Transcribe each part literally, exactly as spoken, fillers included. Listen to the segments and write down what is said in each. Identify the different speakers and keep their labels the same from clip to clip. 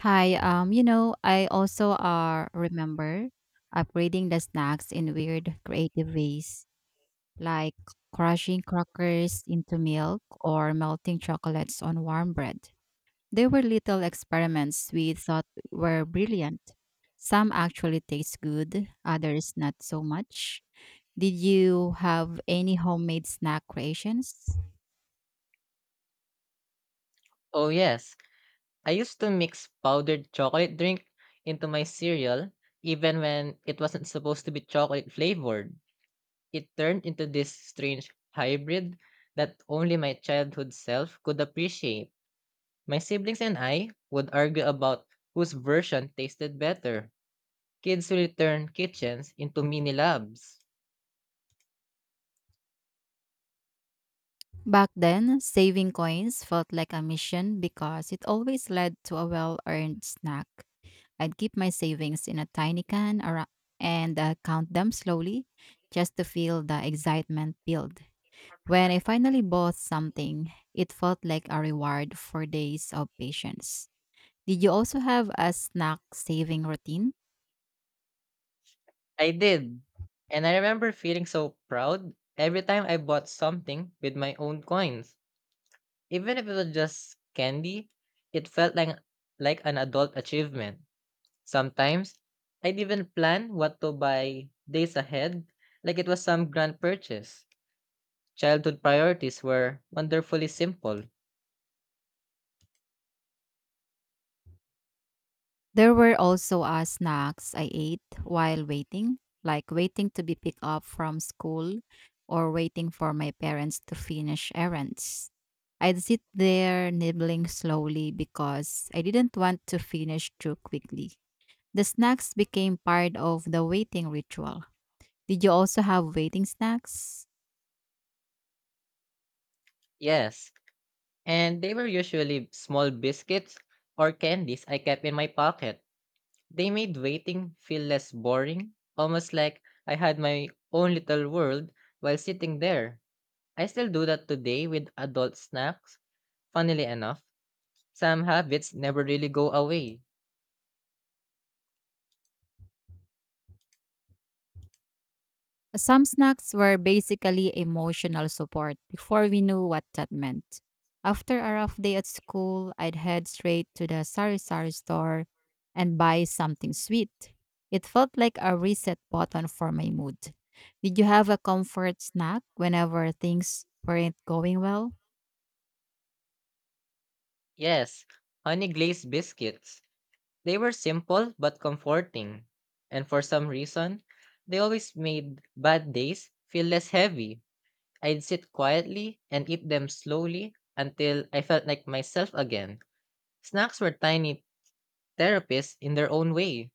Speaker 1: Hi, um, you know, I also uh, remember upgrading the snacks in weird creative ways, like crushing crackers into milk or melting chocolates on warm bread. They were little experiments we thought were brilliant. Some actually taste good, others not so much. Did you have any homemade snack creations?
Speaker 2: Oh, yes. I used to mix powdered chocolate drink into my cereal, even when it wasn't supposed to be chocolate flavored. It turned into this strange hybrid that only my childhood self could appreciate. My siblings and I would argue about whose version tasted better. Kids who turn kitchens into mini labs.
Speaker 1: Back then, saving coins felt like a mission because it always led to a well earned snack. I'd keep my savings in a tiny can ara- and uh, count them slowly just to feel the excitement build. When I finally bought something, it felt like a reward for days of patience. Did you also have a snack saving routine?
Speaker 2: I did. And I remember feeling so proud every time I bought something with my own coins. Even if it was just candy, it felt like like an adult achievement. Sometimes I'd even plan what to buy days ahead, like it was some grand purchase. Childhood priorities were wonderfully simple.
Speaker 1: There were also uh, snacks I ate while waiting, like waiting to be picked up from school or waiting for my parents to finish errands. I'd sit there nibbling slowly because I didn't want to finish too quickly. The snacks became part of the waiting ritual. Did you also have waiting snacks?
Speaker 2: Yes, and they were usually small biscuits or candies I kept in my pocket. They made waiting feel less boring, almost like I had my own little world while sitting there. I still do that today with adult snacks Funnily enough, some habits never really go away.
Speaker 1: Some snacks were basically emotional support before we knew what that meant. After a rough day at school, I'd head straight to the Sari Sari store and buy something sweet. It felt like a reset button for my mood. Did you have a comfort snack whenever things weren't going well?
Speaker 2: Yes, honey glazed biscuits. They were simple but comforting. And for some reason, they always made bad days feel less heavy. I'd sit quietly and eat them slowly until I felt like myself again. Snacks were tiny therapists in their own way.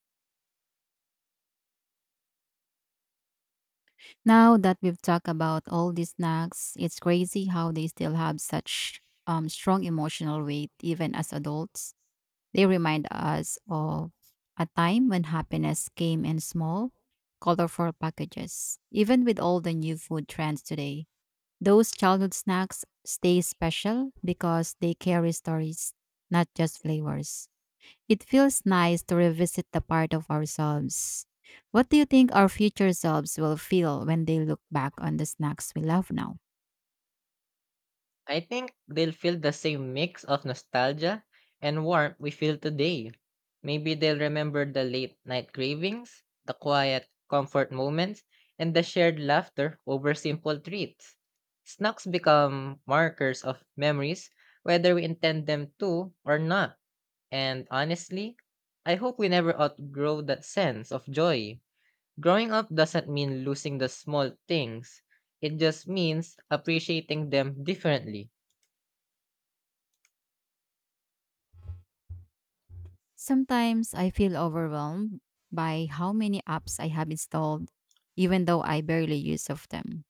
Speaker 1: Now that we've talked about all these snacks, it's crazy how they still have such um, strong emotional weight even as adults. They remind us of a time when happiness came in small, colorful packages. Even with all the new food trends today, those childhood snacks stay special because they carry stories, not just flavors. It feels nice to revisit the part of ourselves. What do you think our future selves will feel when they look back on the snacks we love now?
Speaker 2: I think they'll feel the same mix of nostalgia and warmth we feel today. Maybe they'll remember the late night cravings, the quiet comfort moments, and the shared laughter over simple treats. Snacks become markers of memories, whether we intend them to or not. And honestly, I hope we never outgrow that sense of joy. Growing up doesn't mean losing the small things, it just means appreciating them differently.
Speaker 1: Sometimes I feel overwhelmed by how many apps I have installed, even though I barely use of them.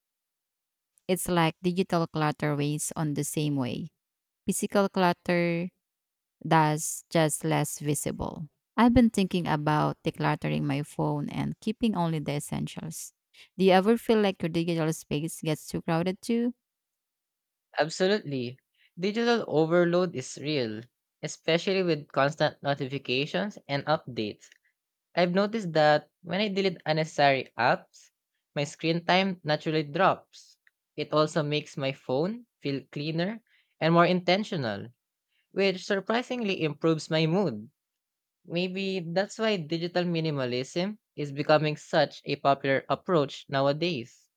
Speaker 1: It's like digital clutter weighs on the same way. Physical clutter does just less visible. I've been thinking about decluttering my phone and keeping only the essentials. Do you ever feel like your digital space gets too crowded too?
Speaker 2: Absolutely. Digital overload is real, especially with constant notifications and updates. I've noticed that when I delete unnecessary apps, my screen time naturally drops. It also makes my phone feel cleaner and more intentional, which surprisingly improves my mood. Maybe that's why digital minimalism is becoming such a popular approach nowadays.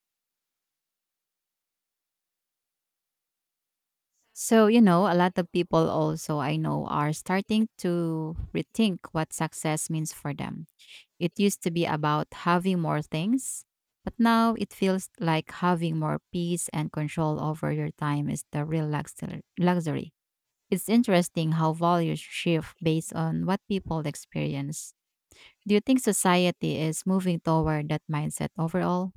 Speaker 1: So, you know, a lot of people also I know are starting to rethink what success means for them. It used to be about having more things, but now it feels like having more peace and control over your time is the real luxur- luxury. It's interesting how values shift based on what people experience. Do you think society is moving toward that mindset overall?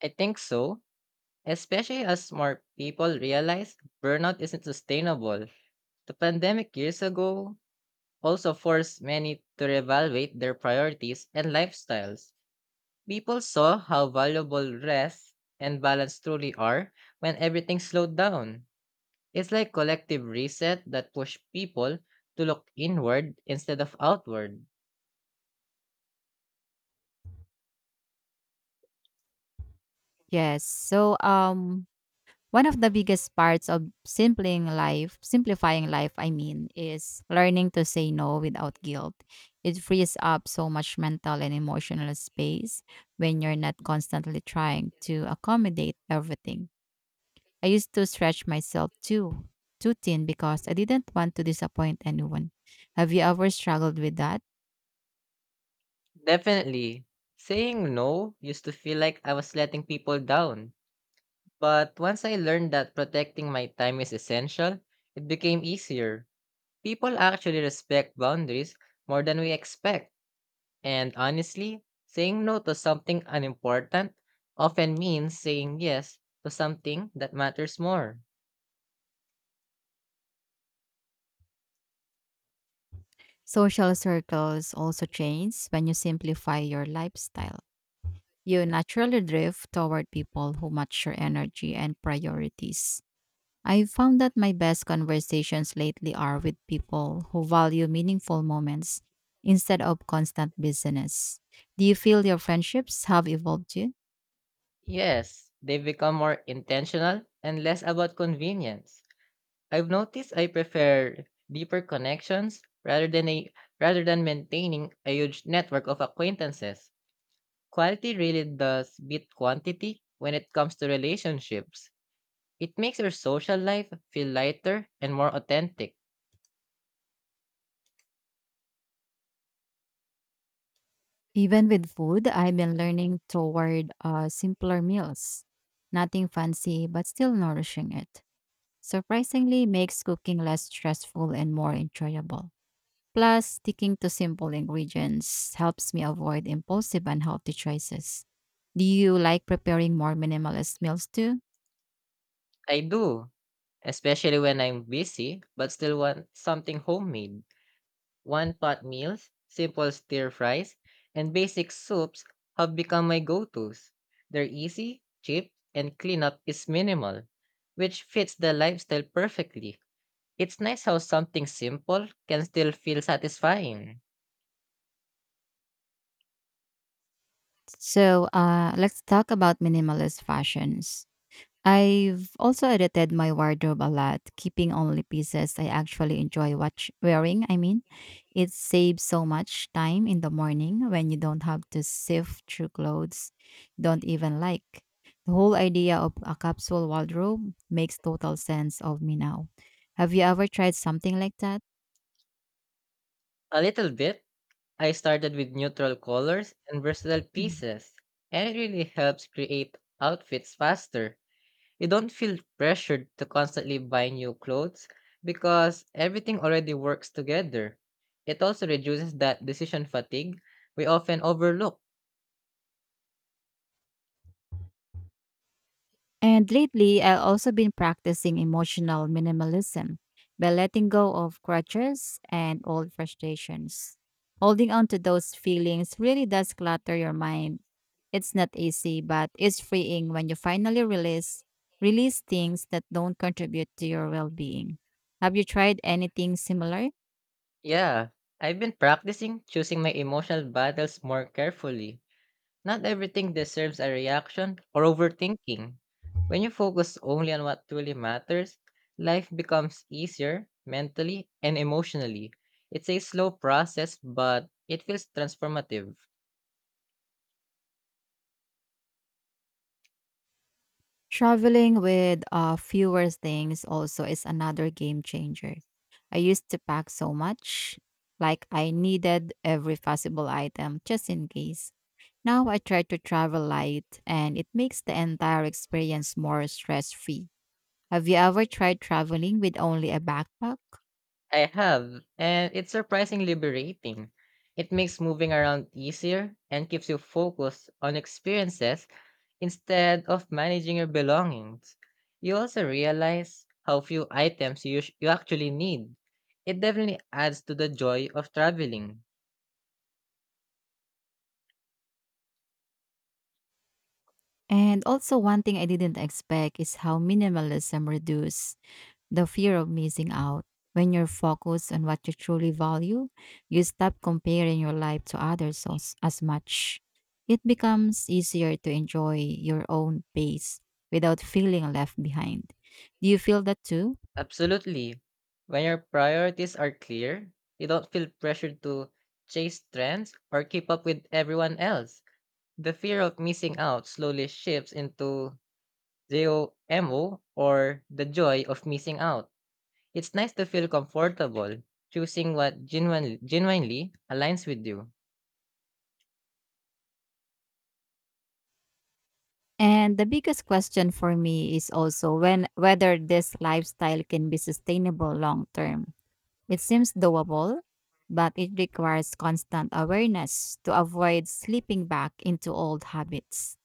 Speaker 2: I think so Especially as more people realize burnout isn't sustainable. The pandemic years ago also forced many to reevaluate their priorities and lifestyles. People saw how valuable rest and balance truly are when everything slowed down. It's like collective reset that pushed people to look inward instead of outward.
Speaker 1: Yes. So, um, One of the biggest parts of simpling life, simplifying life, I mean, is learning to say no without guilt. It frees up so much mental and emotional space when you're not constantly trying to accommodate everything. I used to stretch myself too, too thin because I didn't want to disappoint anyone. Have you ever struggled with that?
Speaker 2: Definitely, saying no used to feel like I was letting people down But once I learned that protecting my time is essential, it became easier. People actually respect boundaries more than we expect. And honestly, saying no to something unimportant often means saying yes to something that matters more.
Speaker 1: Social circles also change when you simplify your lifestyle. You naturally drift toward people who match your energy and priorities. I found that my best conversations lately are with people who value meaningful moments instead of constant business. Do you feel your friendships have evolved too?
Speaker 2: Yes, they become more intentional and less about convenience. I've noticed I prefer deeper connections rather than a rather than maintaining a huge network of acquaintances. Quality really does beat quantity when it comes to relationships. It makes your social life feel lighter and more authentic.
Speaker 1: Even with food, I've been learning toward uh, simpler meals. Nothing fancy, but still nourishing it. Surprisingly, makes cooking less stressful and more enjoyable. Plus, sticking to simple ingredients helps me avoid impulsive unhealthy choices. Do you like preparing more minimalist meals too?
Speaker 2: I do, especially when I'm busy but still want something homemade. One pot meals, simple stir fries, and basic soups have become my go tos. They're easy, cheap, and cleanup is minimal, which fits the lifestyle perfectly. It's nice how something simple can still feel satisfying.
Speaker 1: So, uh, let's talk about minimalist fashions. I've also edited my wardrobe a lot, keeping only pieces I actually enjoy watch wearing. I mean, it saves so much time in the morning when you don't have to sift through clothes you don't even like. The whole idea of a capsule wardrobe makes total sense of me now. Have you ever tried something like that?
Speaker 2: A little bit I started with neutral colors and versatile pieces, and it really helps create outfits faster. You don't feel pressured to constantly buy new clothes because everything already works together. It also reduces that decision fatigue we often overlook.
Speaker 1: And lately, I've also been practicing emotional minimalism by letting go of grudges and old frustrations. Holding on to those feelings really does clutter your mind. It's not easy, but it's freeing when you finally release release things that don't contribute to your well-being. Have you tried anything similar?
Speaker 2: Yeah, I've been practicing choosing my emotional battles more carefully. Not everything deserves a reaction or overthinking. When you focus only on what truly matters, life becomes easier mentally and emotionally. It's a slow process, but it feels transformative.
Speaker 1: Traveling with uh, fewer things also is another game changer. I used to pack so much, like I needed every possible item just in case. Now I try to travel light and it makes the entire experience more stress free. Have you ever tried traveling with only a backpack?
Speaker 2: I have, and it's surprisingly liberating. It makes moving around easier and keeps you focused on experiences Instead of managing your belongings, you also realize how few items you, sh- you actually need. It definitely adds to the joy of traveling.
Speaker 1: And also, one thing I didn't expect is how minimalism reduces the fear of missing out. When you're focused on what you truly value, you stop comparing your life to others as, as much. It becomes easier to enjoy your own pace without feeling left behind. Do you feel that too?
Speaker 2: Absolutely. When your priorities are clear, you don't feel pressured to chase trends or keep up with everyone else. The fear of missing out slowly shifts into JOMO or the joy of missing out. It's nice to feel comfortable choosing what genuinely, genuinely aligns with you.
Speaker 1: And the biggest question for me is also when whether this lifestyle can be sustainable long term. It seems doable, but it requires constant awareness to avoid slipping back into old habits.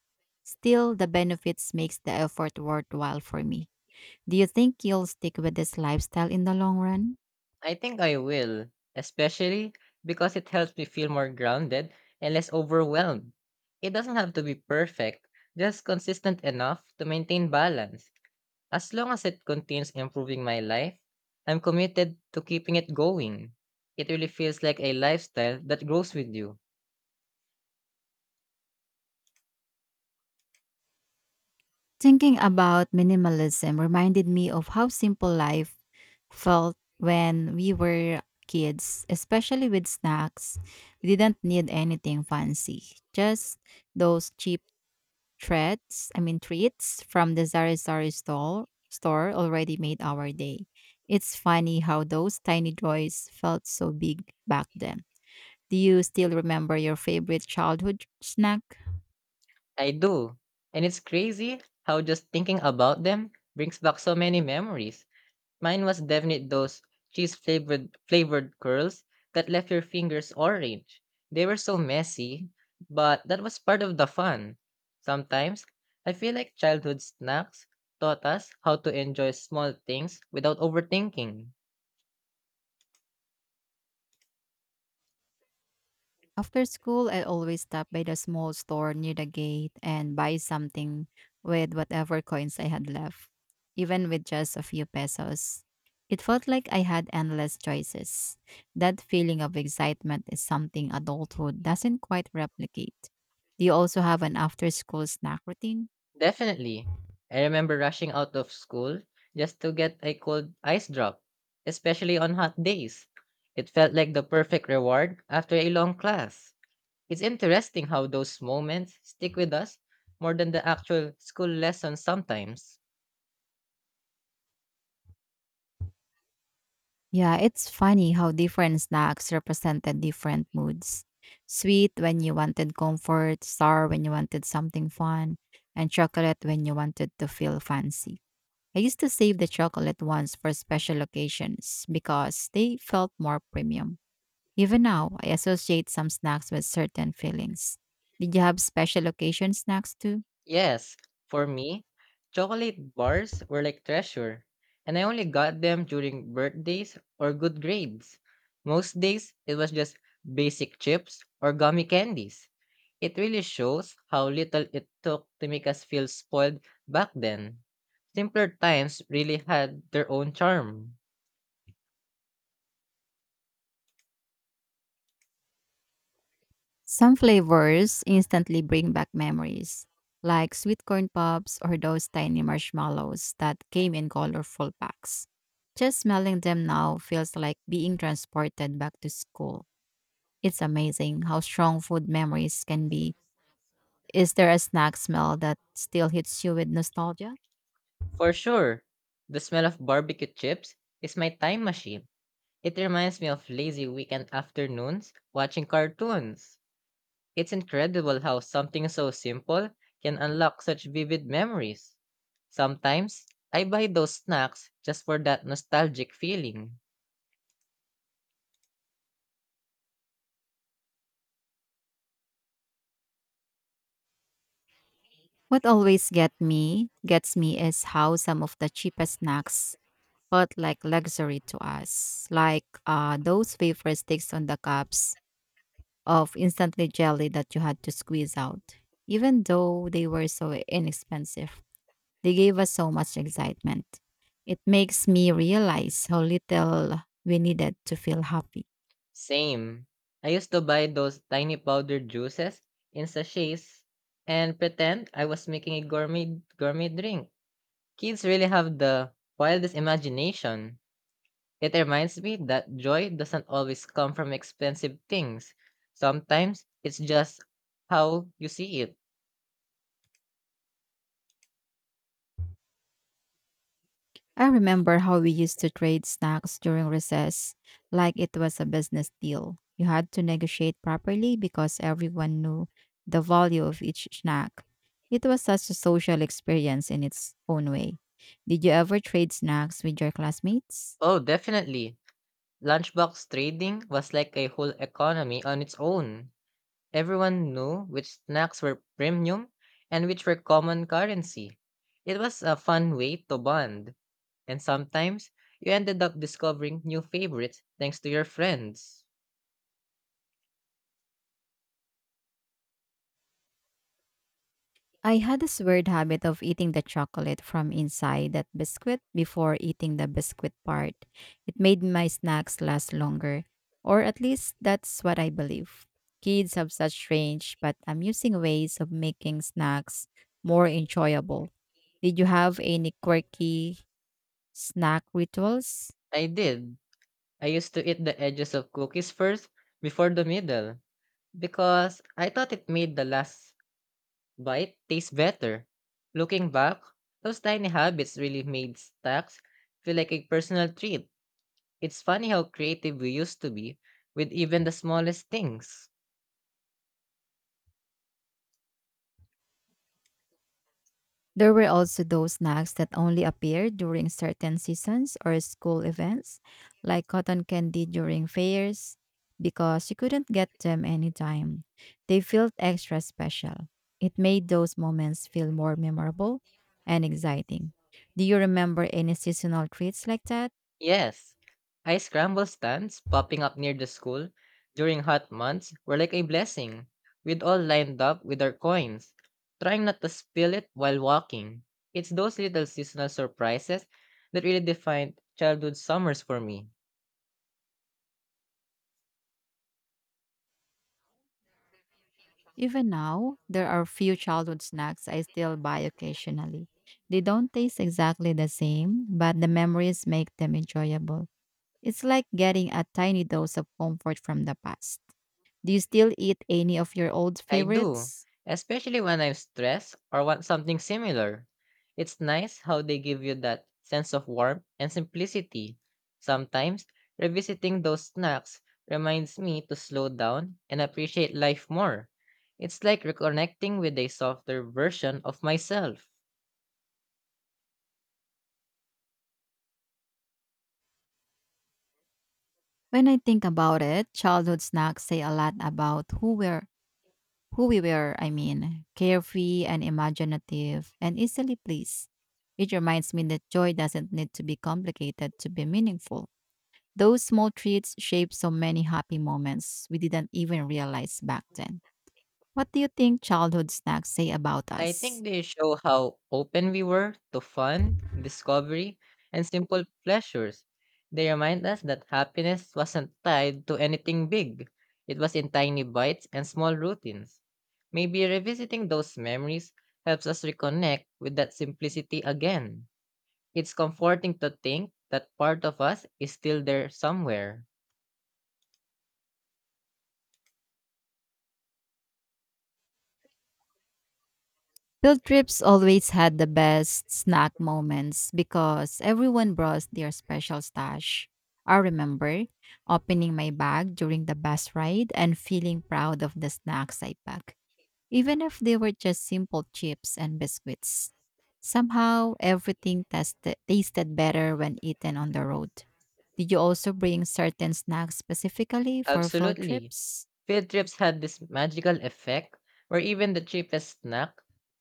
Speaker 1: Still, the benefits makes the effort worthwhile for me. Do you think you'll stick with this lifestyle in the long run?
Speaker 2: I think I will, especially because it helps me feel more grounded and less overwhelmed. It doesn't have to be perfect, just consistent enough to maintain balance. As long as it continues improving my life, I'm committed to keeping it going. It really feels like a lifestyle that grows with you.
Speaker 1: Thinking about minimalism reminded me of how simple life felt when we were kids, especially with snacks. We didn't need anything fancy, just those cheap treats, I mean treats from the Zari Zari store store already made our day. It's funny how those tiny joys felt so big back then. Do you still remember your favorite childhood snack?
Speaker 2: I do. And it's crazy how just thinking about them brings back so many memories. Mine was definitely those cheese flavored flavored curls that left your fingers orange. They were so messy, but that was part of the fun. Sometimes I feel like childhood snacks taught us how to enjoy small things without overthinking.
Speaker 1: After school, I always stop by the small store near the gate and buy something with whatever coins I had left, even with just a few pesos. It felt like I had endless choices. That feeling of excitement is something adulthood doesn't quite replicate. Do you also have an after school snack routine?
Speaker 2: Definitely. I remember rushing out of school just to get a cold ice drop, especially on hot days. It felt like the perfect reward after a long class. It's interesting how those moments stick with us more than the actual school lessons sometimes.
Speaker 1: Yeah, it's funny how different snacks represented different moods. Sweet when you wanted comfort, sour when you wanted something fun, and chocolate when you wanted to feel fancy. I used to save the chocolate ones for special occasions because they felt more premium. Even now, I associate some snacks with certain feelings. Did you have special occasion snacks too?
Speaker 2: Yes, for me, chocolate bars were like treasure, and I only got them during birthdays or good grades. Most days, it was just basic chips or gummy candies. It really shows how little it took to make us feel spoiled back then. Simpler times really had their own charm.
Speaker 1: Some flavors instantly bring back memories, like sweet corn pops or those tiny marshmallows that came in colorful packs. Just smelling them now feels like being transported back to school. It's amazing how strong food memories can be. Is there a snack smell that still hits you with nostalgia?
Speaker 2: For sure. The smell of barbecue chips is my time machine. It reminds me of lazy weekend afternoons watching cartoons. It's incredible how something so simple can unlock such vivid memories. Sometimes, I buy those snacks just for that nostalgic feeling.
Speaker 1: What always get me gets me is how some of the cheapest snacks felt like luxury to us, like uh, those wafer sticks on the cups of instantly jelly that you had to squeeze out. Even though they were so inexpensive, they gave us so much excitement. It makes me realize how little we needed to feel happy.
Speaker 2: Same. I used to buy those tiny powdered juices in sachets and pretend I was making a gourmet gourmet drink. Kids really have the wildest imagination. It reminds me that joy doesn't always come from expensive things. Sometimes it's just how you see it.
Speaker 1: I remember how we used to trade snacks during recess like it was a business deal. You had to negotiate properly because everyone knew the value of each snack. It was such a social experience in its own way. Did you ever trade snacks with your classmates?
Speaker 2: Oh, definitely. Lunchbox trading was like a whole economy on its own. Everyone knew which snacks were premium and which were common currency. It was a fun way to bond, and sometimes you ended up discovering new favorites thanks to your friends.
Speaker 1: I had this weird habit of eating the chocolate from inside that biscuit before eating the biscuit part. It made my snacks last longer, or at least that's what I believe. Kids have such strange but amusing ways of making snacks more enjoyable. Did you have any quirky snack rituals?
Speaker 2: I did. I used to eat the edges of cookies first before the middle Because I thought it made the last bite taste better. Looking back, those tiny habits really made snacks feel like a personal treat. It's funny how creative we used to be with even the smallest things.
Speaker 1: There were also those snacks that only appeared during certain seasons or school events, like cotton candy during fairs, because you couldn't get them anytime. They felt extra special. It made those moments feel more memorable and exciting. Do you remember any seasonal treats like that?
Speaker 2: Yes, ice scramble stands popping up near the school during hot months were like a blessing. We'd all lined up with our coins, trying not to spill it while walking. It's those little seasonal surprises that really defined childhood summers for me.
Speaker 1: Even now, there are few childhood snacks I still buy occasionally. They don't taste exactly the same, but the memories make them enjoyable. It's like getting a tiny dose of comfort from the past. Do you still eat any of your old
Speaker 2: I do,
Speaker 1: favorites?
Speaker 2: especially when I'm stressed or want something similar. It's nice how they give you that sense of warmth and simplicity. Sometimes, revisiting those snacks reminds me to slow down and appreciate life more. It's like reconnecting with a softer version of myself.
Speaker 1: When I think about it, childhood snacks say a lot about who we're who we were, I mean, carefree and imaginative and easily pleased. It reminds me that joy doesn't need to be complicated to be meaningful. Those small treats shape so many happy moments we didn't even realize back then. What do you think childhood snacks say about
Speaker 2: I
Speaker 1: us?
Speaker 2: think they show how open we were to fun, discovery, and simple pleasures. They remind us that happiness wasn't tied to anything big, it was in tiny bites and small routines. Maybe revisiting those memories helps us reconnect with that simplicity again. It's comforting to think that part of us is still there somewhere.
Speaker 1: Field trips always had the best snack moments because everyone brought their special stash. I remember opening my bag during the bus ride and feeling proud of the snacks I packed, even if they were just simple chips and biscuits. Somehow, everything tasted tasted better when eaten on the road. Did you also bring certain snacks specifically for field
Speaker 2: Absolutely.
Speaker 1: trips?
Speaker 2: Field trips had this magical effect where even the cheapest snack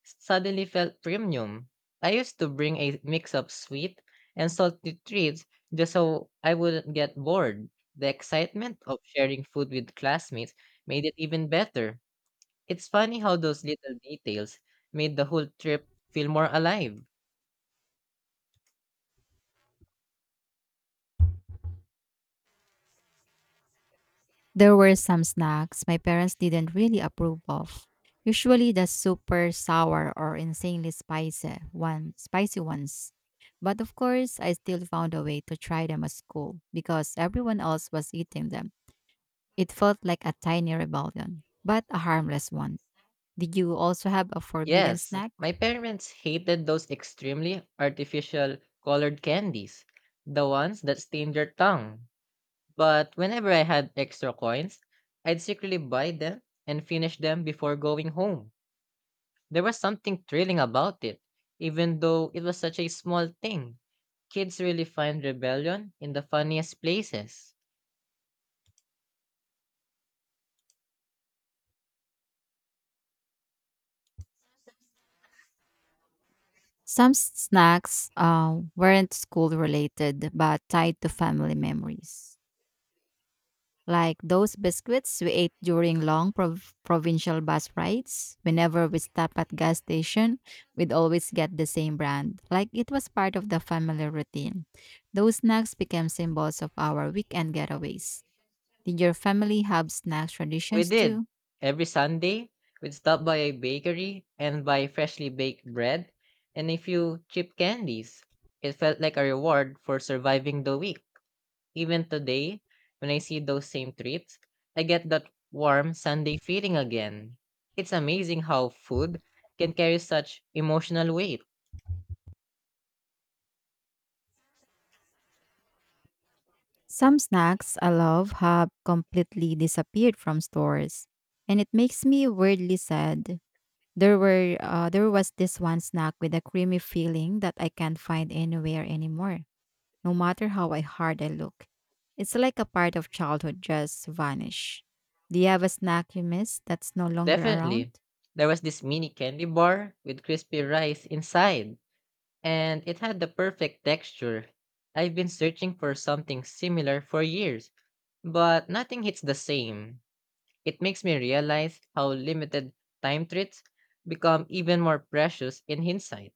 Speaker 2: suddenly felt premium. I used to bring a mix of sweet and salty treats just so I wouldn't get bored. The excitement of sharing food with classmates made it even better. It's funny how those little details made the whole trip feel more alive.
Speaker 1: There were some snacks my parents didn't really approve of. Usually the super sour or insanely spicy one spicy ones. But of course I still found a way to try them at school because everyone else was eating them. It felt like a tiny rebellion, but a harmless one. Did you also have a forbidden
Speaker 2: Yes,
Speaker 1: snack?
Speaker 2: my parents hated those extremely artificial colored candies, the ones that stained your tongue. But whenever I had extra coins, I'd secretly buy them and finish them before going home. There was something thrilling about it, even though it was such a small thing. Kids really find rebellion in the funniest places.
Speaker 1: Some s- snacks uh, weren't school related but tied to family memories, like those biscuits we ate during long prov- provincial bus rides. Whenever we stop at gas station, we'd always get the same brand, like it was part of the family routine. Those snacks became symbols of our weekend getaways. Did your family have snack
Speaker 2: We
Speaker 1: traditions
Speaker 2: did.
Speaker 1: too?
Speaker 2: Every Sunday, we'd stop by a bakery and buy freshly baked bread and a few cheap candies. It felt like a reward for surviving the week. Even today, when I see those same treats, I get that warm Sunday feeling again. It's amazing how food can carry such emotional weight.
Speaker 1: Some snacks I love have completely disappeared from stores, and it makes me weirdly sad. There were uh, there was this one snack with a creamy filling that I can't find anywhere anymore, no matter how I hard I look. It's like a part of childhood just vanished. Do you have a snack you miss that's no longer around?
Speaker 2: Definitely. There was this mini candy bar with crispy rice inside, and it had the perfect texture. I've been searching for something similar for years, but nothing hits the same. It makes me realize how limited time treats become even more precious in hindsight.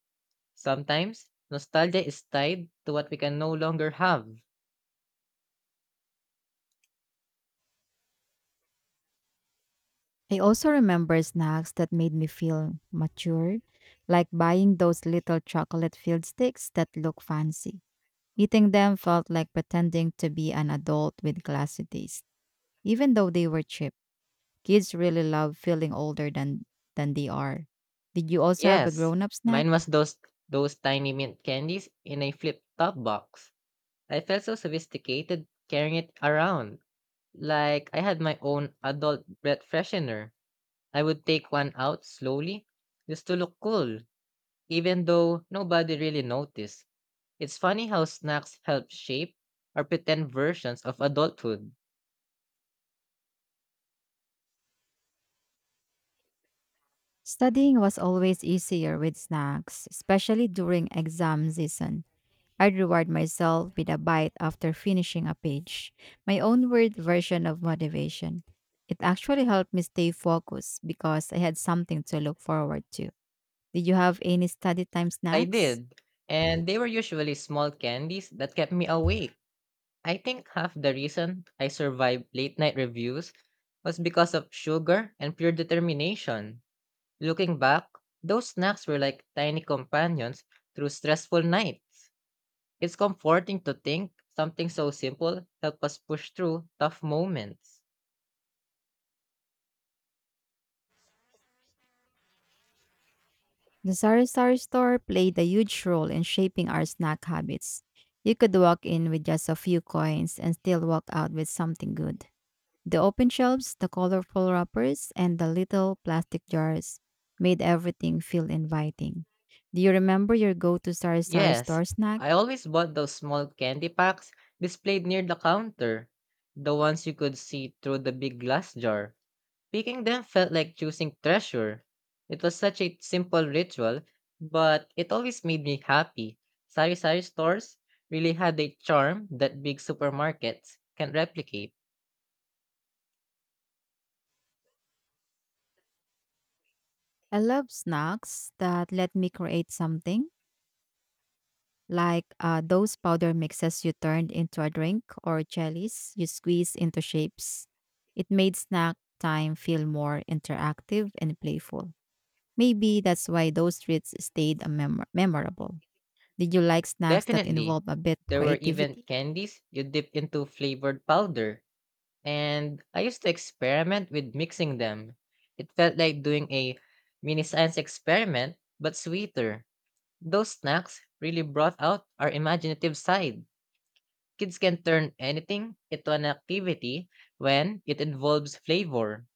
Speaker 2: Sometimes, nostalgia is tied to what we can no longer have.
Speaker 1: I also remember snacks that made me feel mature, like buying those little chocolate filled sticks that look fancy. Eating them felt like pretending to be an adult with classy taste, even though they were cheap. Kids really love feeling older than, than they are. Did you also have a
Speaker 2: Yes,
Speaker 1: grown up snack?
Speaker 2: mine was those those tiny mint candies in a flip-top box. I felt so sophisticated carrying it around, like I had my own adult breath freshener. I would take one out slowly just to look cool, even though nobody really noticed. It's funny how snacks help shape our pretend versions of adulthood.
Speaker 1: Studying was always easier with snacks, especially during exam season. I'd reward myself with a bite after finishing a page, my own word version of motivation. It actually helped me stay focused because I had something to look forward to. Did you have any study time
Speaker 2: I
Speaker 1: snacks?
Speaker 2: did, and they were usually small candies that kept me awake. I think half the reason I survived late night reviews was because of sugar and pure determination. Looking back, those snacks were like tiny companions through stressful nights. It's comforting to think something so simple helped us push through tough moments.
Speaker 1: The Sari Sari store played a huge role in shaping our snack habits. You could walk in with just a few coins and still walk out with something good. The open shelves, the colorful wrappers, and the little plastic jars made everything feel inviting. Do you remember your go to Sari Sari
Speaker 2: Yes,
Speaker 1: store snack?
Speaker 2: I always bought those small candy packs displayed near the counter, the ones you could see through the big glass jar. Picking them felt like choosing treasure. It was such a simple ritual, but it always made me happy. Sari sari stores really had a charm that big supermarkets can replicate.
Speaker 1: I love snacks that let me create something, like uh, those powder mixes you turned into a drink or jellies you squeeze into shapes. It made snack time feel more interactive and playful. Maybe that's why those treats stayed a memor memorable. Did you like snacks that
Speaker 2: Definitely.
Speaker 1: involve a bit
Speaker 2: There were even
Speaker 1: creativity?
Speaker 2: candies you dip into flavored powder, and I used to experiment with mixing them. It felt like doing a mini science experiment, but sweeter. Those snacks really brought out our imaginative side. Kids can turn anything into an activity when it involves flavor.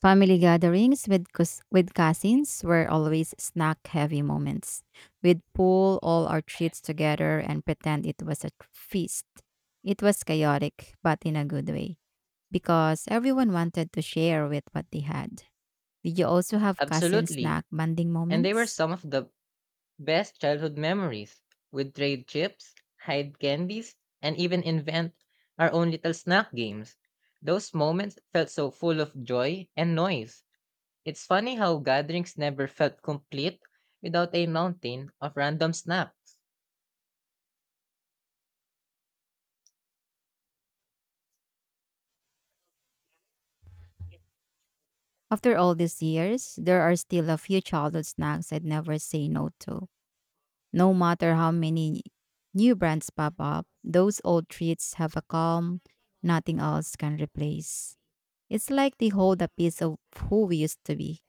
Speaker 1: Family gatherings with cous- with cousins were always snack heavy moments. We'd pull all our treats together and pretend it was a feast. It was chaotic, but in a good way, because everyone wanted to share with what they had. Did you also have cousin
Speaker 2: Absolutely.
Speaker 1: snack bonding
Speaker 2: And they were
Speaker 1: moments?
Speaker 2: some of the best childhood memories. We'd trade chips, hide candies, and even invent our own little snack games. Those moments felt so full of joy and noise. It's funny how gatherings never felt complete without a mountain of random snacks.
Speaker 1: After all these years, there are still a few childhood snacks I'd never say no to. No matter how many new brands pop up, those old treats have a calm nothing else can replace. It's like they hold a piece of who we used to be.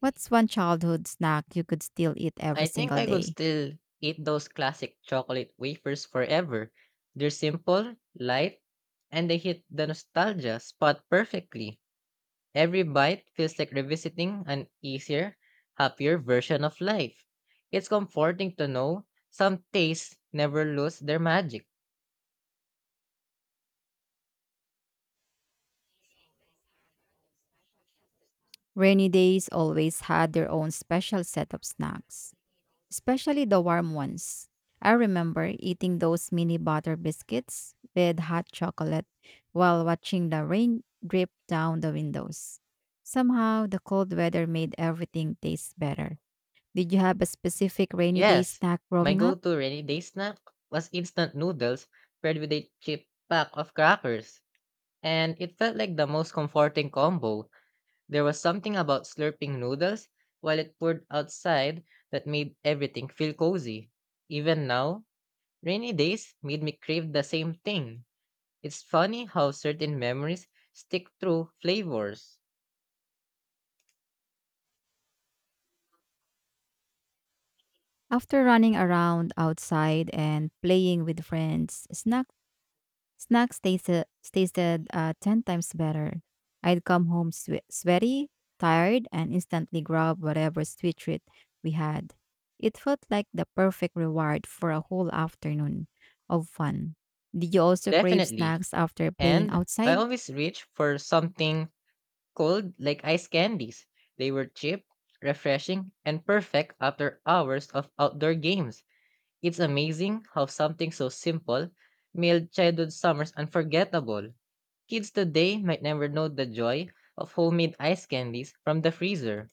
Speaker 1: What's one childhood snack you could still eat every
Speaker 2: I think
Speaker 1: single
Speaker 2: I could
Speaker 1: day?
Speaker 2: still eat those classic chocolate wafers forever. They're simple, light, and they hit the nostalgia spot perfectly. Every bite feels like revisiting an easier, happier version of life. It's comforting to know some tastes never lose their magic.
Speaker 1: Rainy days always had their own special set of snacks, especially the warm ones. I remember eating those mini butter biscuits with hot chocolate while watching the rain drip down the windows. Somehow, the cold weather made everything taste better. Did you have a specific rainy day
Speaker 2: Yes,
Speaker 1: snack
Speaker 2: my
Speaker 1: growing
Speaker 2: go
Speaker 1: up?
Speaker 2: to rainy day snack was instant noodles paired with a cheap pack of crackers, and it felt like the most comforting combo There was something about slurping noodles while it poured outside that made everything feel cozy. Even now, rainy days made me crave the same thing. It's funny how certain memories stick through flavors.
Speaker 1: After running around outside and playing with friends, snack. Snacks tasted tasted uh, ten times better. I'd come home swe- sweaty, tired, and instantly grab whatever sweet treat we had. It felt like the perfect reward for a whole afternoon of fun. Did you also crave
Speaker 2: Definitely.
Speaker 1: snacks after playing
Speaker 2: And I
Speaker 1: outside?
Speaker 2: always reach for something cold like ice candies. They were cheap, refreshing, and perfect after hours of outdoor games. It's amazing how something so simple made childhood summers unforgettable. Kids today might never know the joy of homemade ice candies from the freezer.